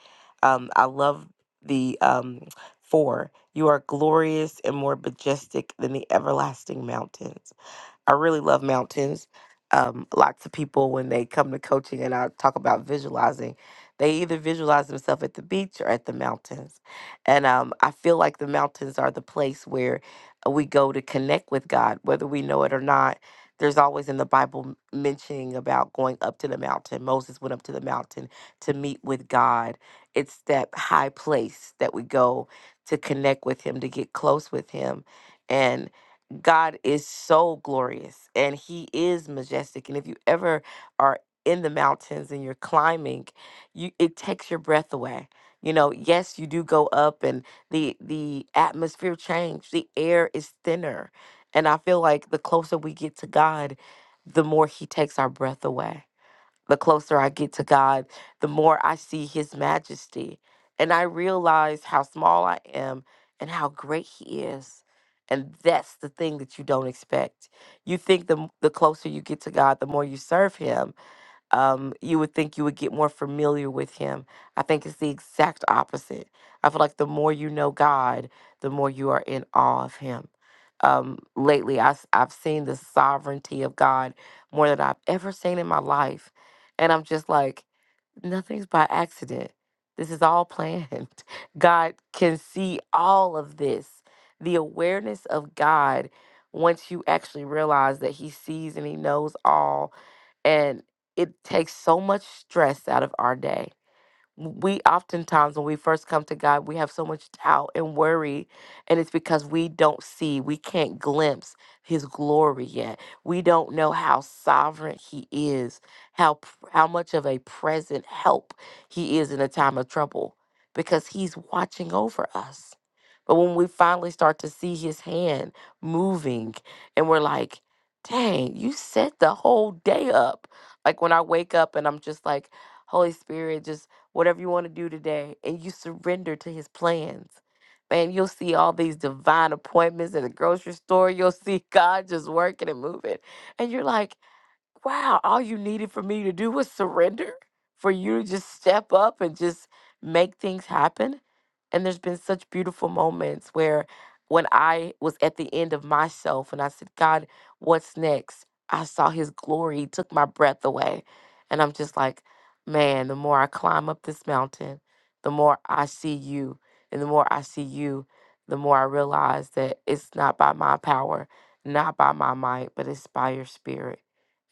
Um, I love the um four. You are glorious and more majestic than the everlasting mountains. I really love mountains. Um, lots of people, when they come to coaching and I talk about visualizing, they either visualize themselves at the beach or at the mountains. And um, I feel like the mountains are the place where we go to connect with God, whether we know it or not. There's always in the Bible m- mentioning about going up to the mountain. Moses went up to the mountain to meet with God. It's that high place that we go to connect with Him, to get close with Him. And God is so glorious and he is majestic. And if you ever are in the mountains and you're climbing, you it takes your breath away. You know, yes, you do go up and the the atmosphere change. The air is thinner. And I feel like the closer we get to God, the more he takes our breath away the closer I get to God, the more I see His majesty. And I realize how small I am and how great He is. And that's the thing that you don't expect. You think the, m- the closer you get to God, the more you serve Him um, you would think you would get more familiar with him. I think it's the exact opposite. I feel like the more you know God, the more you are in awe of him. Um, lately, I, have seen the sovereignty of God more than I've ever seen in my life. And I'm just like, nothing's by accident. This is all planned. God can see all of this. The awareness of God, once you actually realize that He sees and He knows all, and it takes so much stress out of our day we oftentimes when we first come to God, we have so much doubt and worry, and it's because we don't see, we can't glimpse his glory yet. We don't know how sovereign he is, how p- how much of a present help he is in a time of trouble because he's watching over us. But when we finally start to see his hand moving and we're like, "Dang, you set the whole day up." Like when I wake up and I'm just like, Holy Spirit, whatever you want to do today, and you surrender to his plans. Man, you'll see all these divine appointments at the grocery store. You'll see God just working and moving. And you're like, wow, all you needed for me to do was surrender, for you to just step up and just make things happen. And there's been such beautiful moments where when I was at the end of myself and I said, God, what's next? I saw his glory, He took my breath away. And I'm just like, man, the more I climb up this mountain, the more I see you. And the more I see you, the more I realize that it's not by my power, not by my might, but it's by your spirit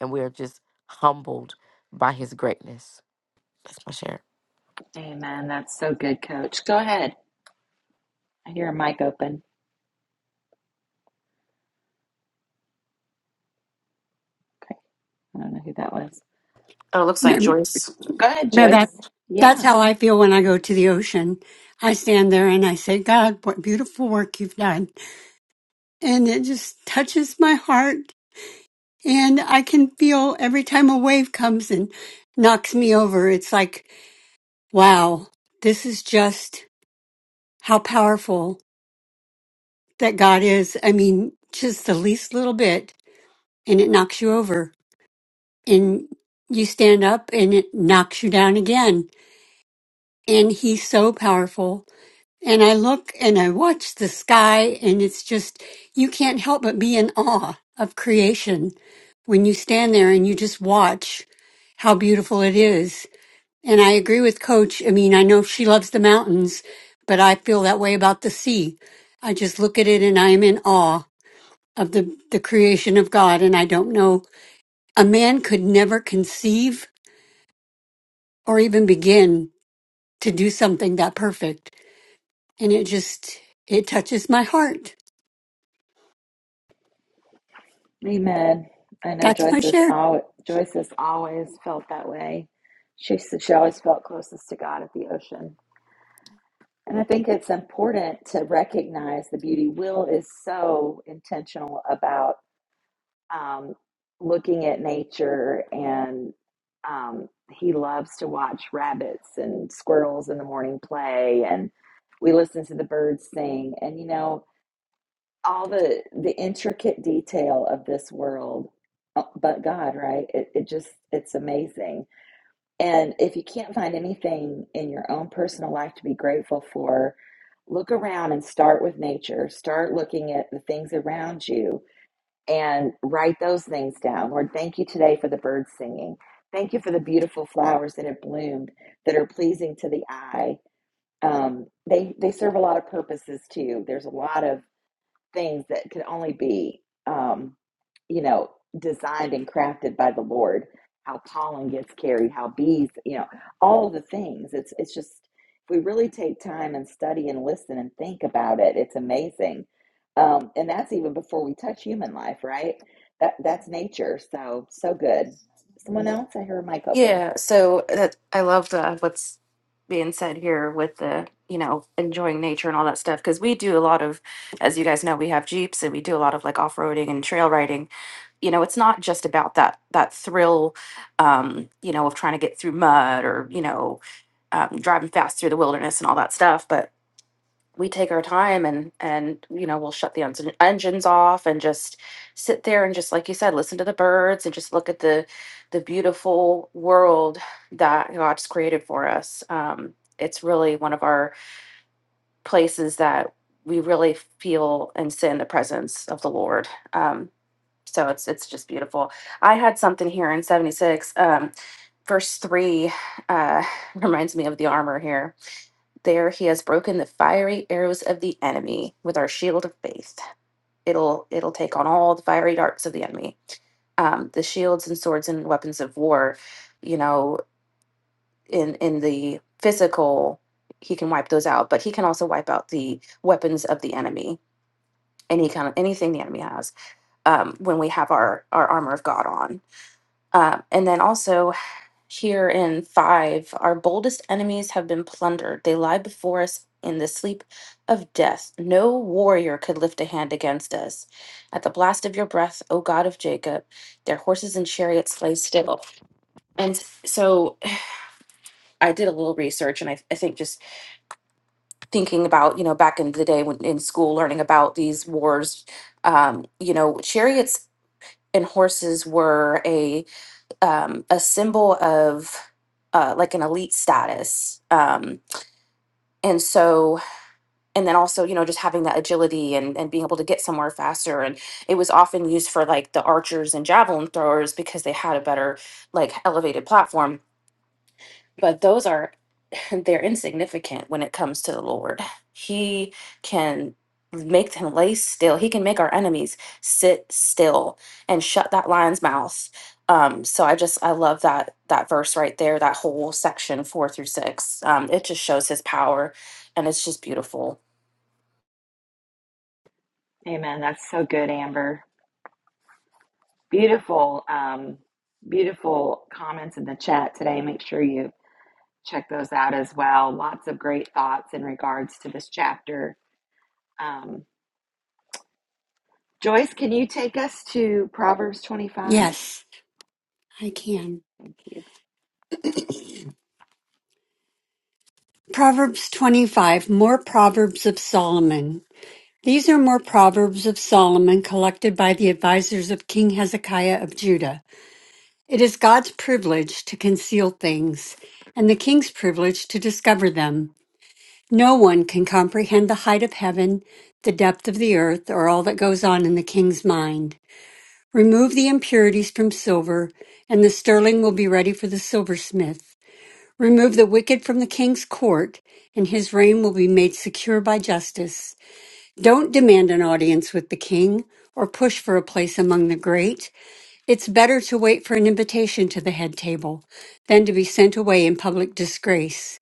and we are just humbled by his greatness. That's my share.
Amen. That's so good, coach. Go ahead. I hear a mic open. Okay, I don't know who that was.
Oh, it looks
No,
like Joyce.
Go ahead,
no,
Joyce.
that that's
Yeah,
how I feel when I go to the ocean. I stand there and I say, God, what beautiful work you've done. And it just touches my heart. And I can feel every time a wave comes and knocks me over, it's like, wow, this is just how powerful that God is. I mean, just the least little bit and it knocks you over. And you stand up and it knocks you down again. And he's so powerful. And I look and I watch the sky, and it's just, you can't help but be in awe of creation when you stand there and you just watch how beautiful it is. And I agree with Coach. I mean, I know she loves the mountains, but I feel that way about the sea. I just look at it and I am in awe of the, the creation of God. And I don't know, a man could never conceive or even begin to do something that perfect. And it just, it touches my heart.
amen. I know
That's my
Joyce has
share.
always, Joyce has always felt that way. She said she always felt closest to God at the ocean. And I think it's important to recognize the beauty. Will is so intentional about um, looking at nature, and um, he loves to watch rabbits and squirrels in the morning play, and we listen to the birds sing. And you know, all the the intricate detail of this world uh, but god right it, it just it's amazing and if you can't find anything in your own personal life to be grateful for look around and start with nature start looking at the things around you and write those things down lord thank you today for the birds singing thank you for the beautiful flowers that have bloomed that are pleasing to the eye um, they they serve a lot of purposes too there's a lot of things that can only be, um, you know, designed and crafted by the Lord. How pollen gets carried, how bees, you know, all the things. It's it's just if we really take time and study and listen and think about it, it's amazing. Um, and that's even before we touch human life, right? That that's nature. So so good. Someone else, I hear a mic open.
Yeah, so that I love the what's being said here with the, you know, enjoying nature and all that stuff because we do a lot of as you guys know, we have Jeeps and we do a lot of like off-roading and trail riding. You know, it's not just about that that thrill um, you know, of trying to get through mud or, you know, um, driving fast through the wilderness and all that stuff, but we take our time and and you know we'll shut the ens- engines off and just sit there and just like you said listen to the birds and just look at the the beautiful world that god's created for us um, it's really one of our places that we really feel and sit in the presence of the lord um, so it's it's just beautiful i had something here in 76 um, verse 3 uh, reminds me of the armor here there he has broken the fiery arrows of the enemy with our shield of faith. It'll it'll take on all the fiery darts of the enemy. Um, the shields and swords and weapons of war, you know, in in the physical, he can wipe those out, but he can also wipe out the weapons of the enemy, any kind of anything the enemy has. Um, when we have our our armor of God on, um, and then also Here in five, our boldest enemies have been plundered. They lie before us in the sleep of death. No warrior could lift a hand against us. At the blast of your breath, O God of Jacob, their horses and chariots lay still. And so I did a little research, and I, I think just thinking about, you know, back in the day when in school, learning about these wars, um, you know, chariots and horses were a um, a symbol of uh, like an elite status. Um, and so, and then also, you know, just having that agility and, and being able to get somewhere faster. And it was often used for like the archers and javelin throwers because they had a better, like, elevated platform. But those are they're insignificant when it comes to the Lord. He can make them lay still. He can make our enemies sit still and shut that lion's mouth. Um, so I just I love that that verse right there, that whole section four through six. Um, it just shows his power, and it's just beautiful.
Amen. That's so good, Amber. Beautiful, um, beautiful comments in the chat today. Make sure you check those out as well. Lots of great thoughts in regards to this chapter. Um, Joyce, can you take us to Proverbs 25?
Yes, I can.
Thank you.
Proverbs 25, More Proverbs of Solomon. These are more Proverbs of Solomon collected by the advisors of King Hezekiah of Judah. It is God's privilege to conceal things, and the king's privilege to discover them. No one can comprehend the height of heaven, the depth of the earth, or all that goes on in the king's mind. Remove the impurities from silver, and the sterling will be ready for the silversmith. Remove the wicked from the king's court, and his reign will be made secure by justice. Don't demand an audience with the king or push for a place among the great. It's better to wait for an invitation to the head table than to be sent away in public disgrace.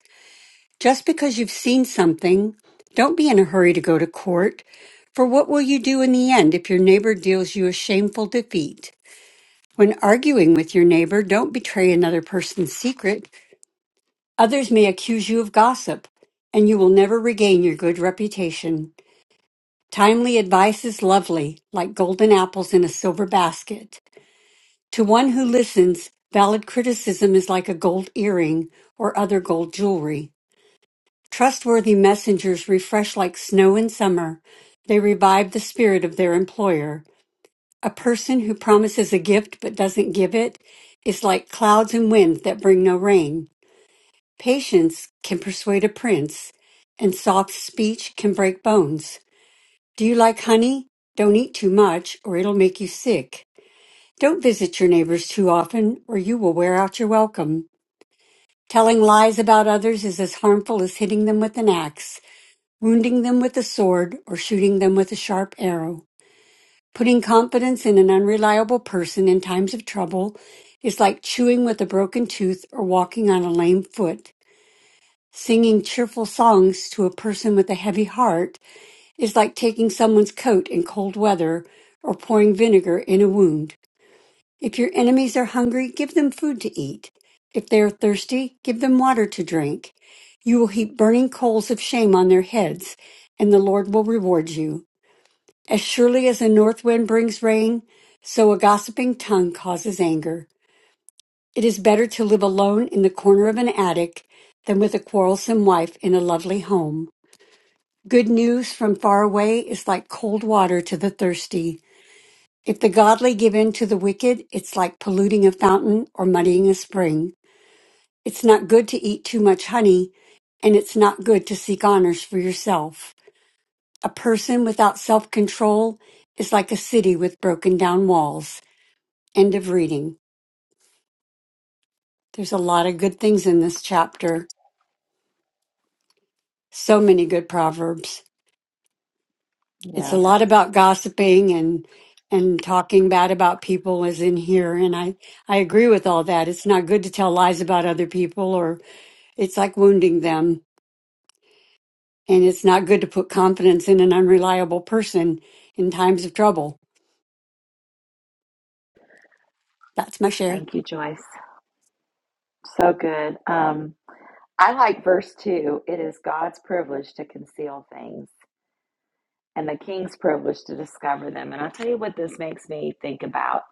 Just because you've seen something, don't be in a hurry to go to court. For what will you do in the end if your neighbor deals you a shameful defeat? When arguing with your neighbor, don't betray another person's secret. Others may accuse you of gossip, and you will never regain your good reputation. Timely advice is lovely, like golden apples in a silver basket. To one who listens, valid criticism is like a gold earring or other gold jewelry. Trustworthy messengers refresh like snow in summer. They revive the spirit of their employer. A person who promises a gift but doesn't give it is like clouds and wind that bring no rain. Patience can persuade a prince, and soft speech can break bones. Do you like honey? Don't eat too much, or it'll make you sick. Don't visit your neighbors too often, or you will wear out your welcome. Telling lies about others is as harmful as hitting them with an axe, wounding them with a sword, or shooting them with a sharp arrow. Putting confidence in an unreliable person in times of trouble is like chewing with a broken tooth or walking on a lame foot. Singing cheerful songs to a person with a heavy heart is like taking someone's coat in cold weather or pouring vinegar in a wound. If your enemies are hungry, give them food to eat. If they are thirsty, give them water to drink. You will heap burning coals of shame on their heads, and the Lord will reward you. As surely as a north wind brings rain, so a gossiping tongue causes anger. It is better to live alone in the corner of an attic than with a quarrelsome wife in a lovely home. Good news from far away is like cold water to the thirsty. If the godly give in to the wicked, it's like polluting a fountain or muddying a spring. It's not good to eat too much honey, and it's not good to seek honors for yourself. A person without self control is like a city with broken down walls. End of reading. There's a lot of good things in this chapter. So many good proverbs. it's a
Yeah,
lot about gossiping and and talking bad about people is in here and i i agree with all that it's not good to tell lies about other people or it's like wounding them and it's not good to put confidence in an unreliable person in times of trouble that's my share
thank you, Joyce. So good. Um, I like verse 2. It is God's privilege to conceal things and the king's privilege to discover them. And I'll tell you what this makes me think about.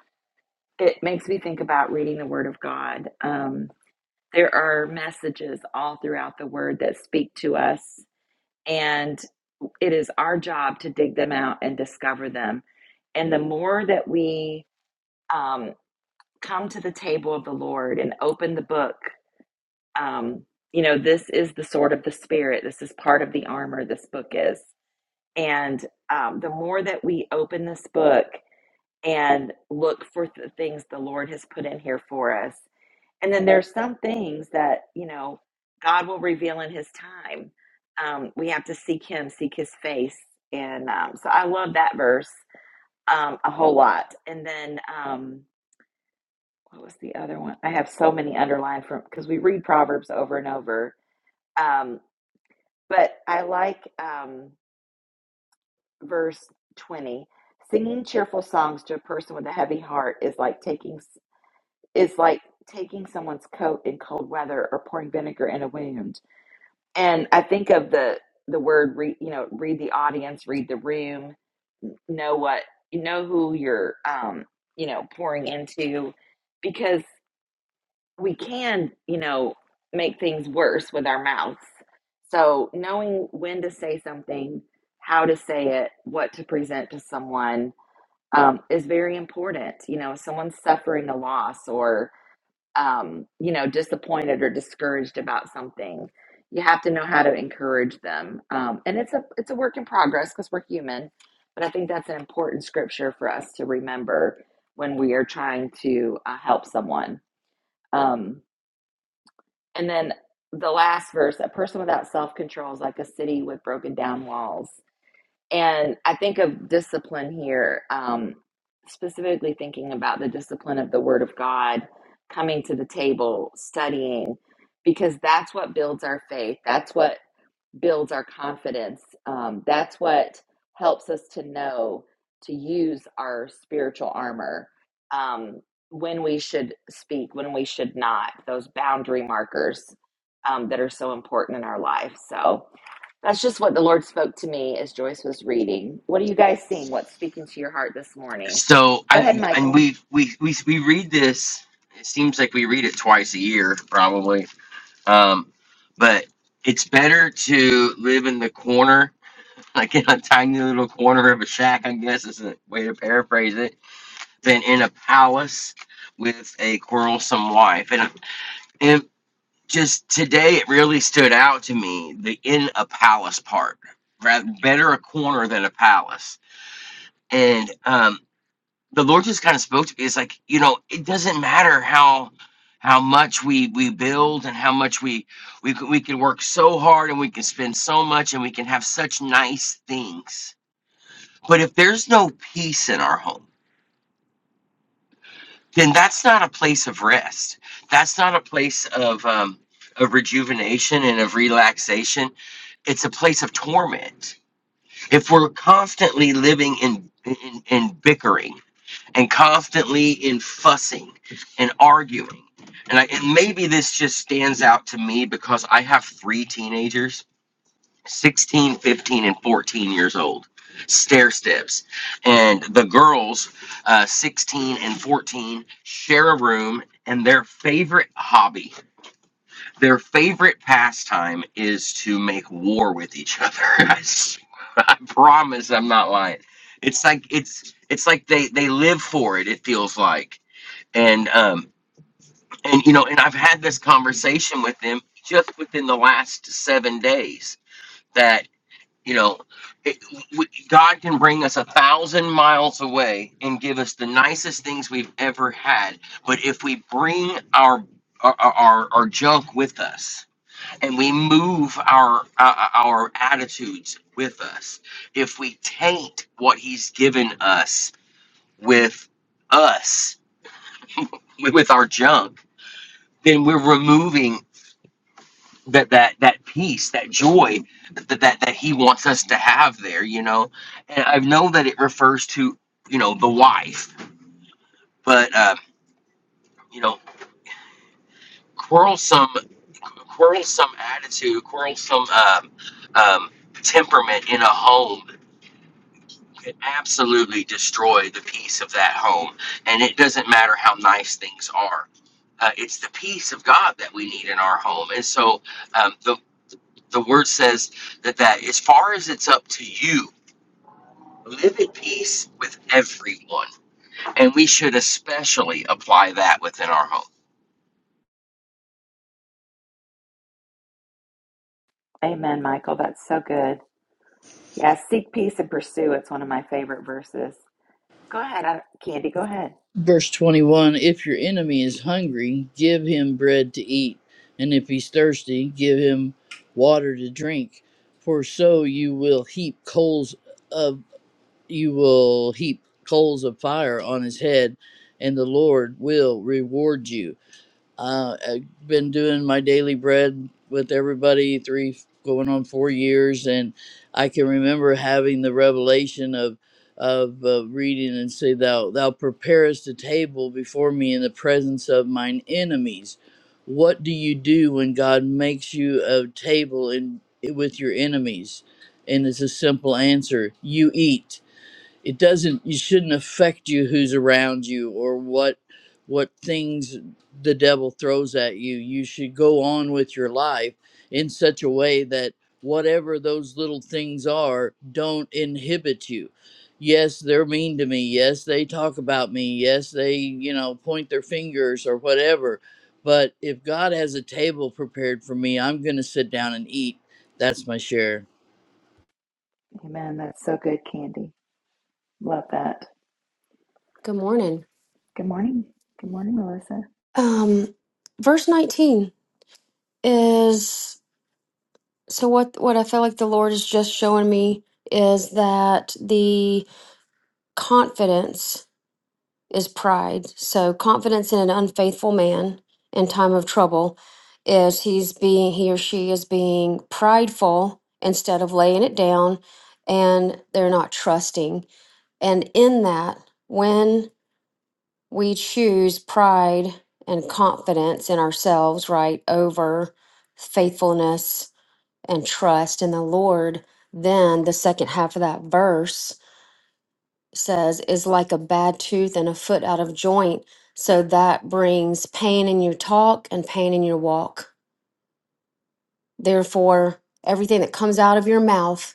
It makes me think about reading the word of God. Um, there are messages all throughout the word that speak to us, and it is our job to dig them out and discover them. And the more that we um, come to the table of the Lord and open the book Um, you know, this is the sword of the spirit. This is part of the armor this book is. And um, the more that we open this book and look for the things the Lord has put in here for us, and then there's some things that, you know, God will reveal in his time. Um, we have to seek him, seek his face. And um, so I love that verse um, a whole lot. And then um, what was the other one? I have so many underlined from because we read Proverbs over and over. Um, But I like um, verse 20. Singing cheerful songs to a person with a heavy heart is like taking is like taking someone's coat in cold weather or pouring vinegar in a wound. And I think of the the word read, you know, read the audience, read the room, know what you know who you're um, you know, pouring into because we can, you know, make things worse with our mouths. So, knowing when to say something, how to say it, what to present to someone um, is very important. You know, if someone's suffering a loss or, um, you know, disappointed or discouraged about something, you have to know how to encourage them. Um, and it's a it's a work in progress because we're human. But I think that's an important scripture for us to remember when we are trying to uh, help someone. Um, and then the last verse a person without self control is like a city with broken down walls. And I think of discipline here, um, specifically thinking about the discipline of the Word of God, coming to the table, studying, because that's what builds our faith. That's what builds our confidence. Um, that's what helps us to know to use our spiritual armor um, when we should speak, when we should not, those boundary markers um, that are so important in our life. So that's just what the Lord spoke to me as Joyce was reading. What are you guys seeing? What's speaking to your heart this morning?
So,
Go
and
ahead,
and
Michael.
we we we we read this. It seems like we read it twice a year, probably. Um, but it's better to live in the corner like in a tiny little corner of a shack, I guess is a way to paraphrase it, than in a palace with a quarrelsome wife. And, and just today, it really stood out to me the in a palace part. Rather, better a corner than a palace. And um, the Lord just kind of spoke to me. It's like, you know, it doesn't matter how how much we we build and how much we we c- we can work so hard and we can spend so much and we can have such nice things But if there's no peace in our home, then that's not a place of rest. That's not a place of um, of rejuvenation and of relaxation. It's a place of torment. If we're constantly living in in, in bickering and constantly in fussing and arguing, and I, and maybe this just stands out to me because I have three teenagers 16, 15, and 14 years old. Stair steps. And the girls, uh, 16 and 14, share a room, and their favorite hobby, their favorite pastime is to make war with each other. I, s- I promise I'm not lying. It's like it's it's like they they live for it. It feels like, and um and you know, and I've had this conversation with them just within the last seven days that. You know, it, we, God can bring us a thousand miles away and give us the nicest things we've ever had. But if we bring our our, our, our junk with us and we move our uh, our attitudes with us if we taint what he's given us with us with with our junk then we're removing that that that peace, that joy that that that he wants us to have there, you know. And I know that it refers to you know the wife, but uh, you know, quarrelsome, quarrelsome attitude, quarrelsome um, um, temperament in a home can absolutely destroy the peace of that home, and it doesn't matter how nice things are. Uh, it's the peace of God that we need in our home, and so um, the the word says that that as far as it's up to you live at peace with everyone. And we should especially apply that within our home.
Amen, Michael. That's so good. Yeah, seek peace and pursue. It's one of my favorite verses. Go ahead, Candy. Go ahead.
Verse 21 If your enemy is hungry, give him bread to eat, and if he's thirsty, give him water to drink, for so you will heap coals of you will heap coals of fire on his head, and the Lord will reward you. Uh, I've been doing my daily bread with everybody three going on four years, and I can remember having the revelation of of uh, reading and say, "Thou thou preparest a table before me in the presence of mine enemies." What do you do when God makes you a table in with your enemies? And it's a simple answer: you eat it doesn't you shouldn't affect you who's around you or what what things the devil throws at you you should go on with your life in such a way that whatever those little things are don't inhibit you yes they're mean to me yes they talk about me yes they you know point their fingers or whatever but if god has a table prepared for me i'm going to sit down and eat that's my share
Amen. That's so good, Candy. Love that.
Good morning.
Good morning. Good morning, Melissa.
Um, verse 19 is so what what I feel like the Lord is just showing me is that the confidence is pride. So confidence in an unfaithful man in time of trouble is he's being he or she is being prideful instead of laying it down and they're not trusting. And in that, when. we choose pride and confidence in ourselves, right, over faithfulness and trust in the Lord, then the second half of that verse says, is like a bad tooth and a foot out of joint. So that brings pain in your talk and pain in your walk. Therefore, everything that comes out of your mouth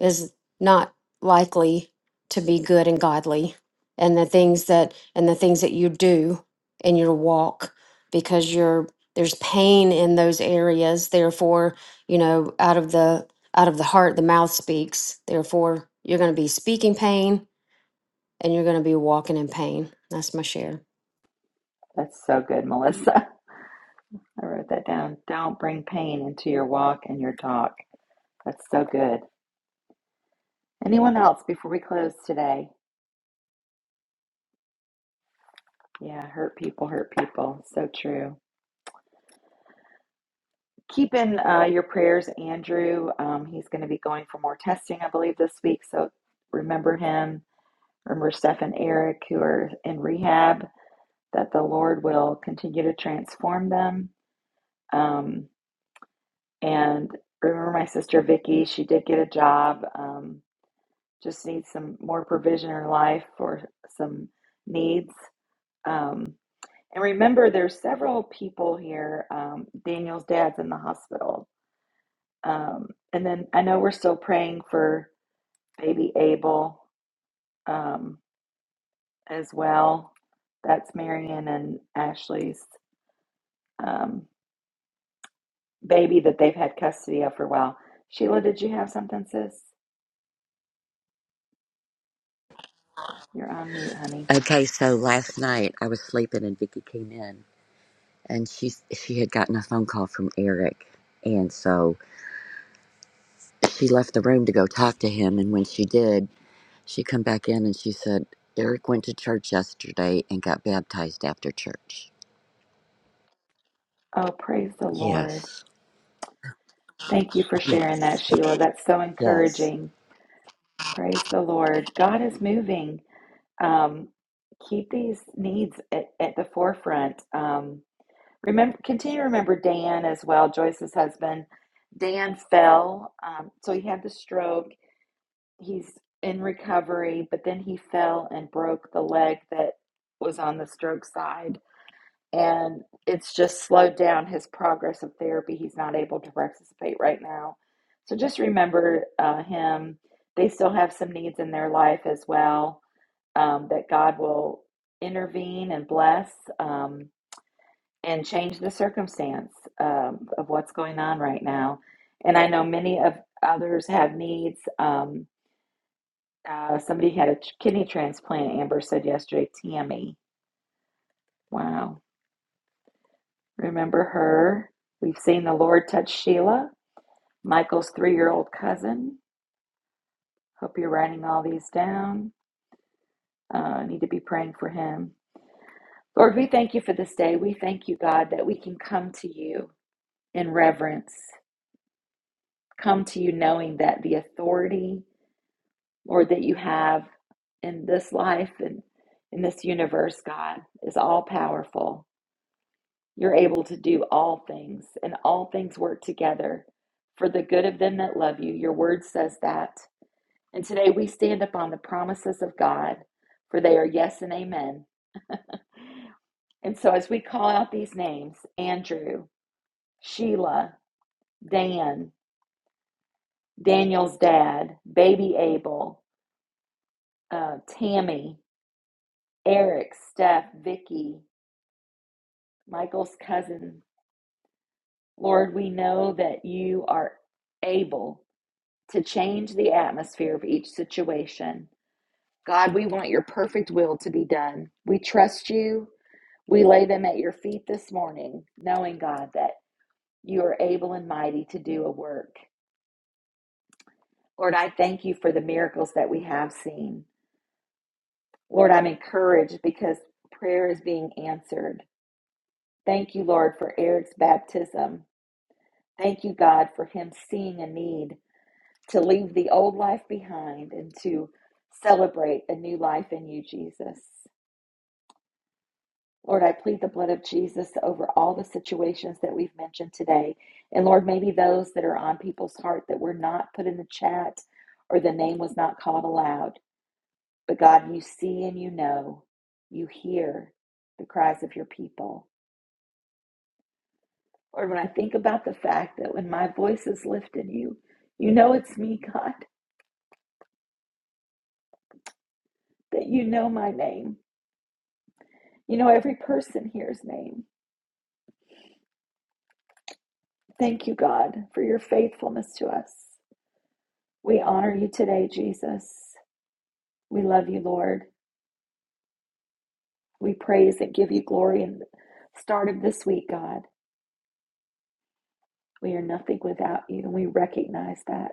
is not likely to be good and godly and the things that and the things that you do in your walk because you're there's pain in those areas therefore you know out of the out of the heart the mouth speaks therefore you're going to be speaking pain and you're going to be walking in pain that's my share
That's so good, Melissa. I wrote that down. Don't bring pain into your walk and your talk. That's so good. Anyone else before we close today? Yeah, hurt people, hurt people. So true. Keep in uh, your prayers, Andrew. Um, he's going to be going for more testing, I believe, this week. So remember him. Remember Steph and Eric, who are in rehab, that the Lord will continue to transform them. Um, And remember my sister Vicky, she did get a job. Um, just needs some more provision in her life for some needs. Um, and remember, there's several people here. Um, Daniel's dad's in the hospital. Um, and then I know we're still praying for baby Abel um, as well. That's Marion and Ashley's um, baby that they've had custody of for a while. Sheila, did you have something, sis? You're on mute, honey.
Okay, so last night I was sleeping and Vicky came in and she she had gotten a phone call from Eric and so she left the room to go talk to him and when she did, she come back in and she said Eric went to church yesterday and got baptized after church.
Oh, praise the Lord.
Yes.
Thank you for
Yeah.
sharing that, Sheila. That's so
Yes.
encouraging. Praise the Lord. God is moving. Um, keep these needs at, at the forefront. Um, remember, continue to remember Dan as well, Joyce's husband. Dan fell, um, so he had the stroke. He's in recovery, but then he fell and broke the leg that was on the stroke side and it's just slowed down his progress of therapy. He's not able to participate right now. So just remember uh, him. They still have some needs in their life as well um, that God will intervene and bless um, and change the circumstance um, of what's going on right now. And I know many of others have needs. Um, uh, somebody had a ch- kidney transplant, Amber said yesterday, Tammy. Wow Remember her. We've seen the Lord touch Sheila, Michael's three year old cousin. Hope you're writing all these down. Uh, need to be praying for him. Lord, we thank you for this day. We thank you, God, that we can come to you in reverence, come to you knowing that the authority, Lord, that you have in this life and in this universe, God, is all powerful. You're able to do all things, and all things work together for the good of them that love you. Your word says that. And today we stand upon the promises of God, for they are yes and amen. And so as we call out these names Andrew, Sheila, Dan, Daniel's dad, baby Abel, uh, Tammy, Eric, Steph, Vicky, Michael's cousin, Lord, we know that you are able to change the atmosphere of each situation. God, we want your perfect will to be done. We trust you. We lay them at your feet this morning, knowing, God, that you are able and mighty to do a work. Lord, I thank you for the miracles that we have seen. Lord, I'm encouraged because prayer is being answered. Thank you, Lord, for Eric's baptism. Thank you, God, for him seeing a need to leave the old life behind and to celebrate a new life in you, Jesus. Lord, I plead the blood of Jesus over all the situations that we've mentioned today. And Lord, maybe those that are on people's heart that were not put in the chat or the name was not called aloud. But God, you see and you know, you hear the cries of your people. Lord, when I think about the fact that when my voice is lifted, you, you know it's me, God, that you know my name. You know every person here's name. Thank you, God, for your faithfulness to us. We honor you today, Jesus. We love you, Lord. We praise and give you glory. in the start of this week, God, we are nothing without you, and we recognize that.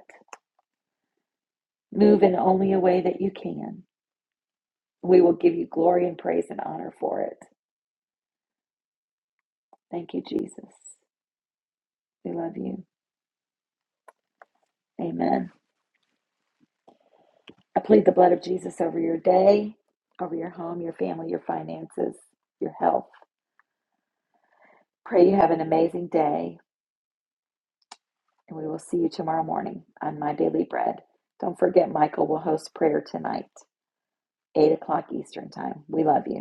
Move in only a way that you can. We will give you glory and praise and honor for it. Thank you, Jesus. We love you. Amen. I plead the blood of Jesus over your day, over your home, your family, your finances, your health. Pray you have an amazing day, and we will see you tomorrow morning on My Daily Bread. Don't forget, Michael will host prayer tonight. 8 o'clock Eastern Time. We love you.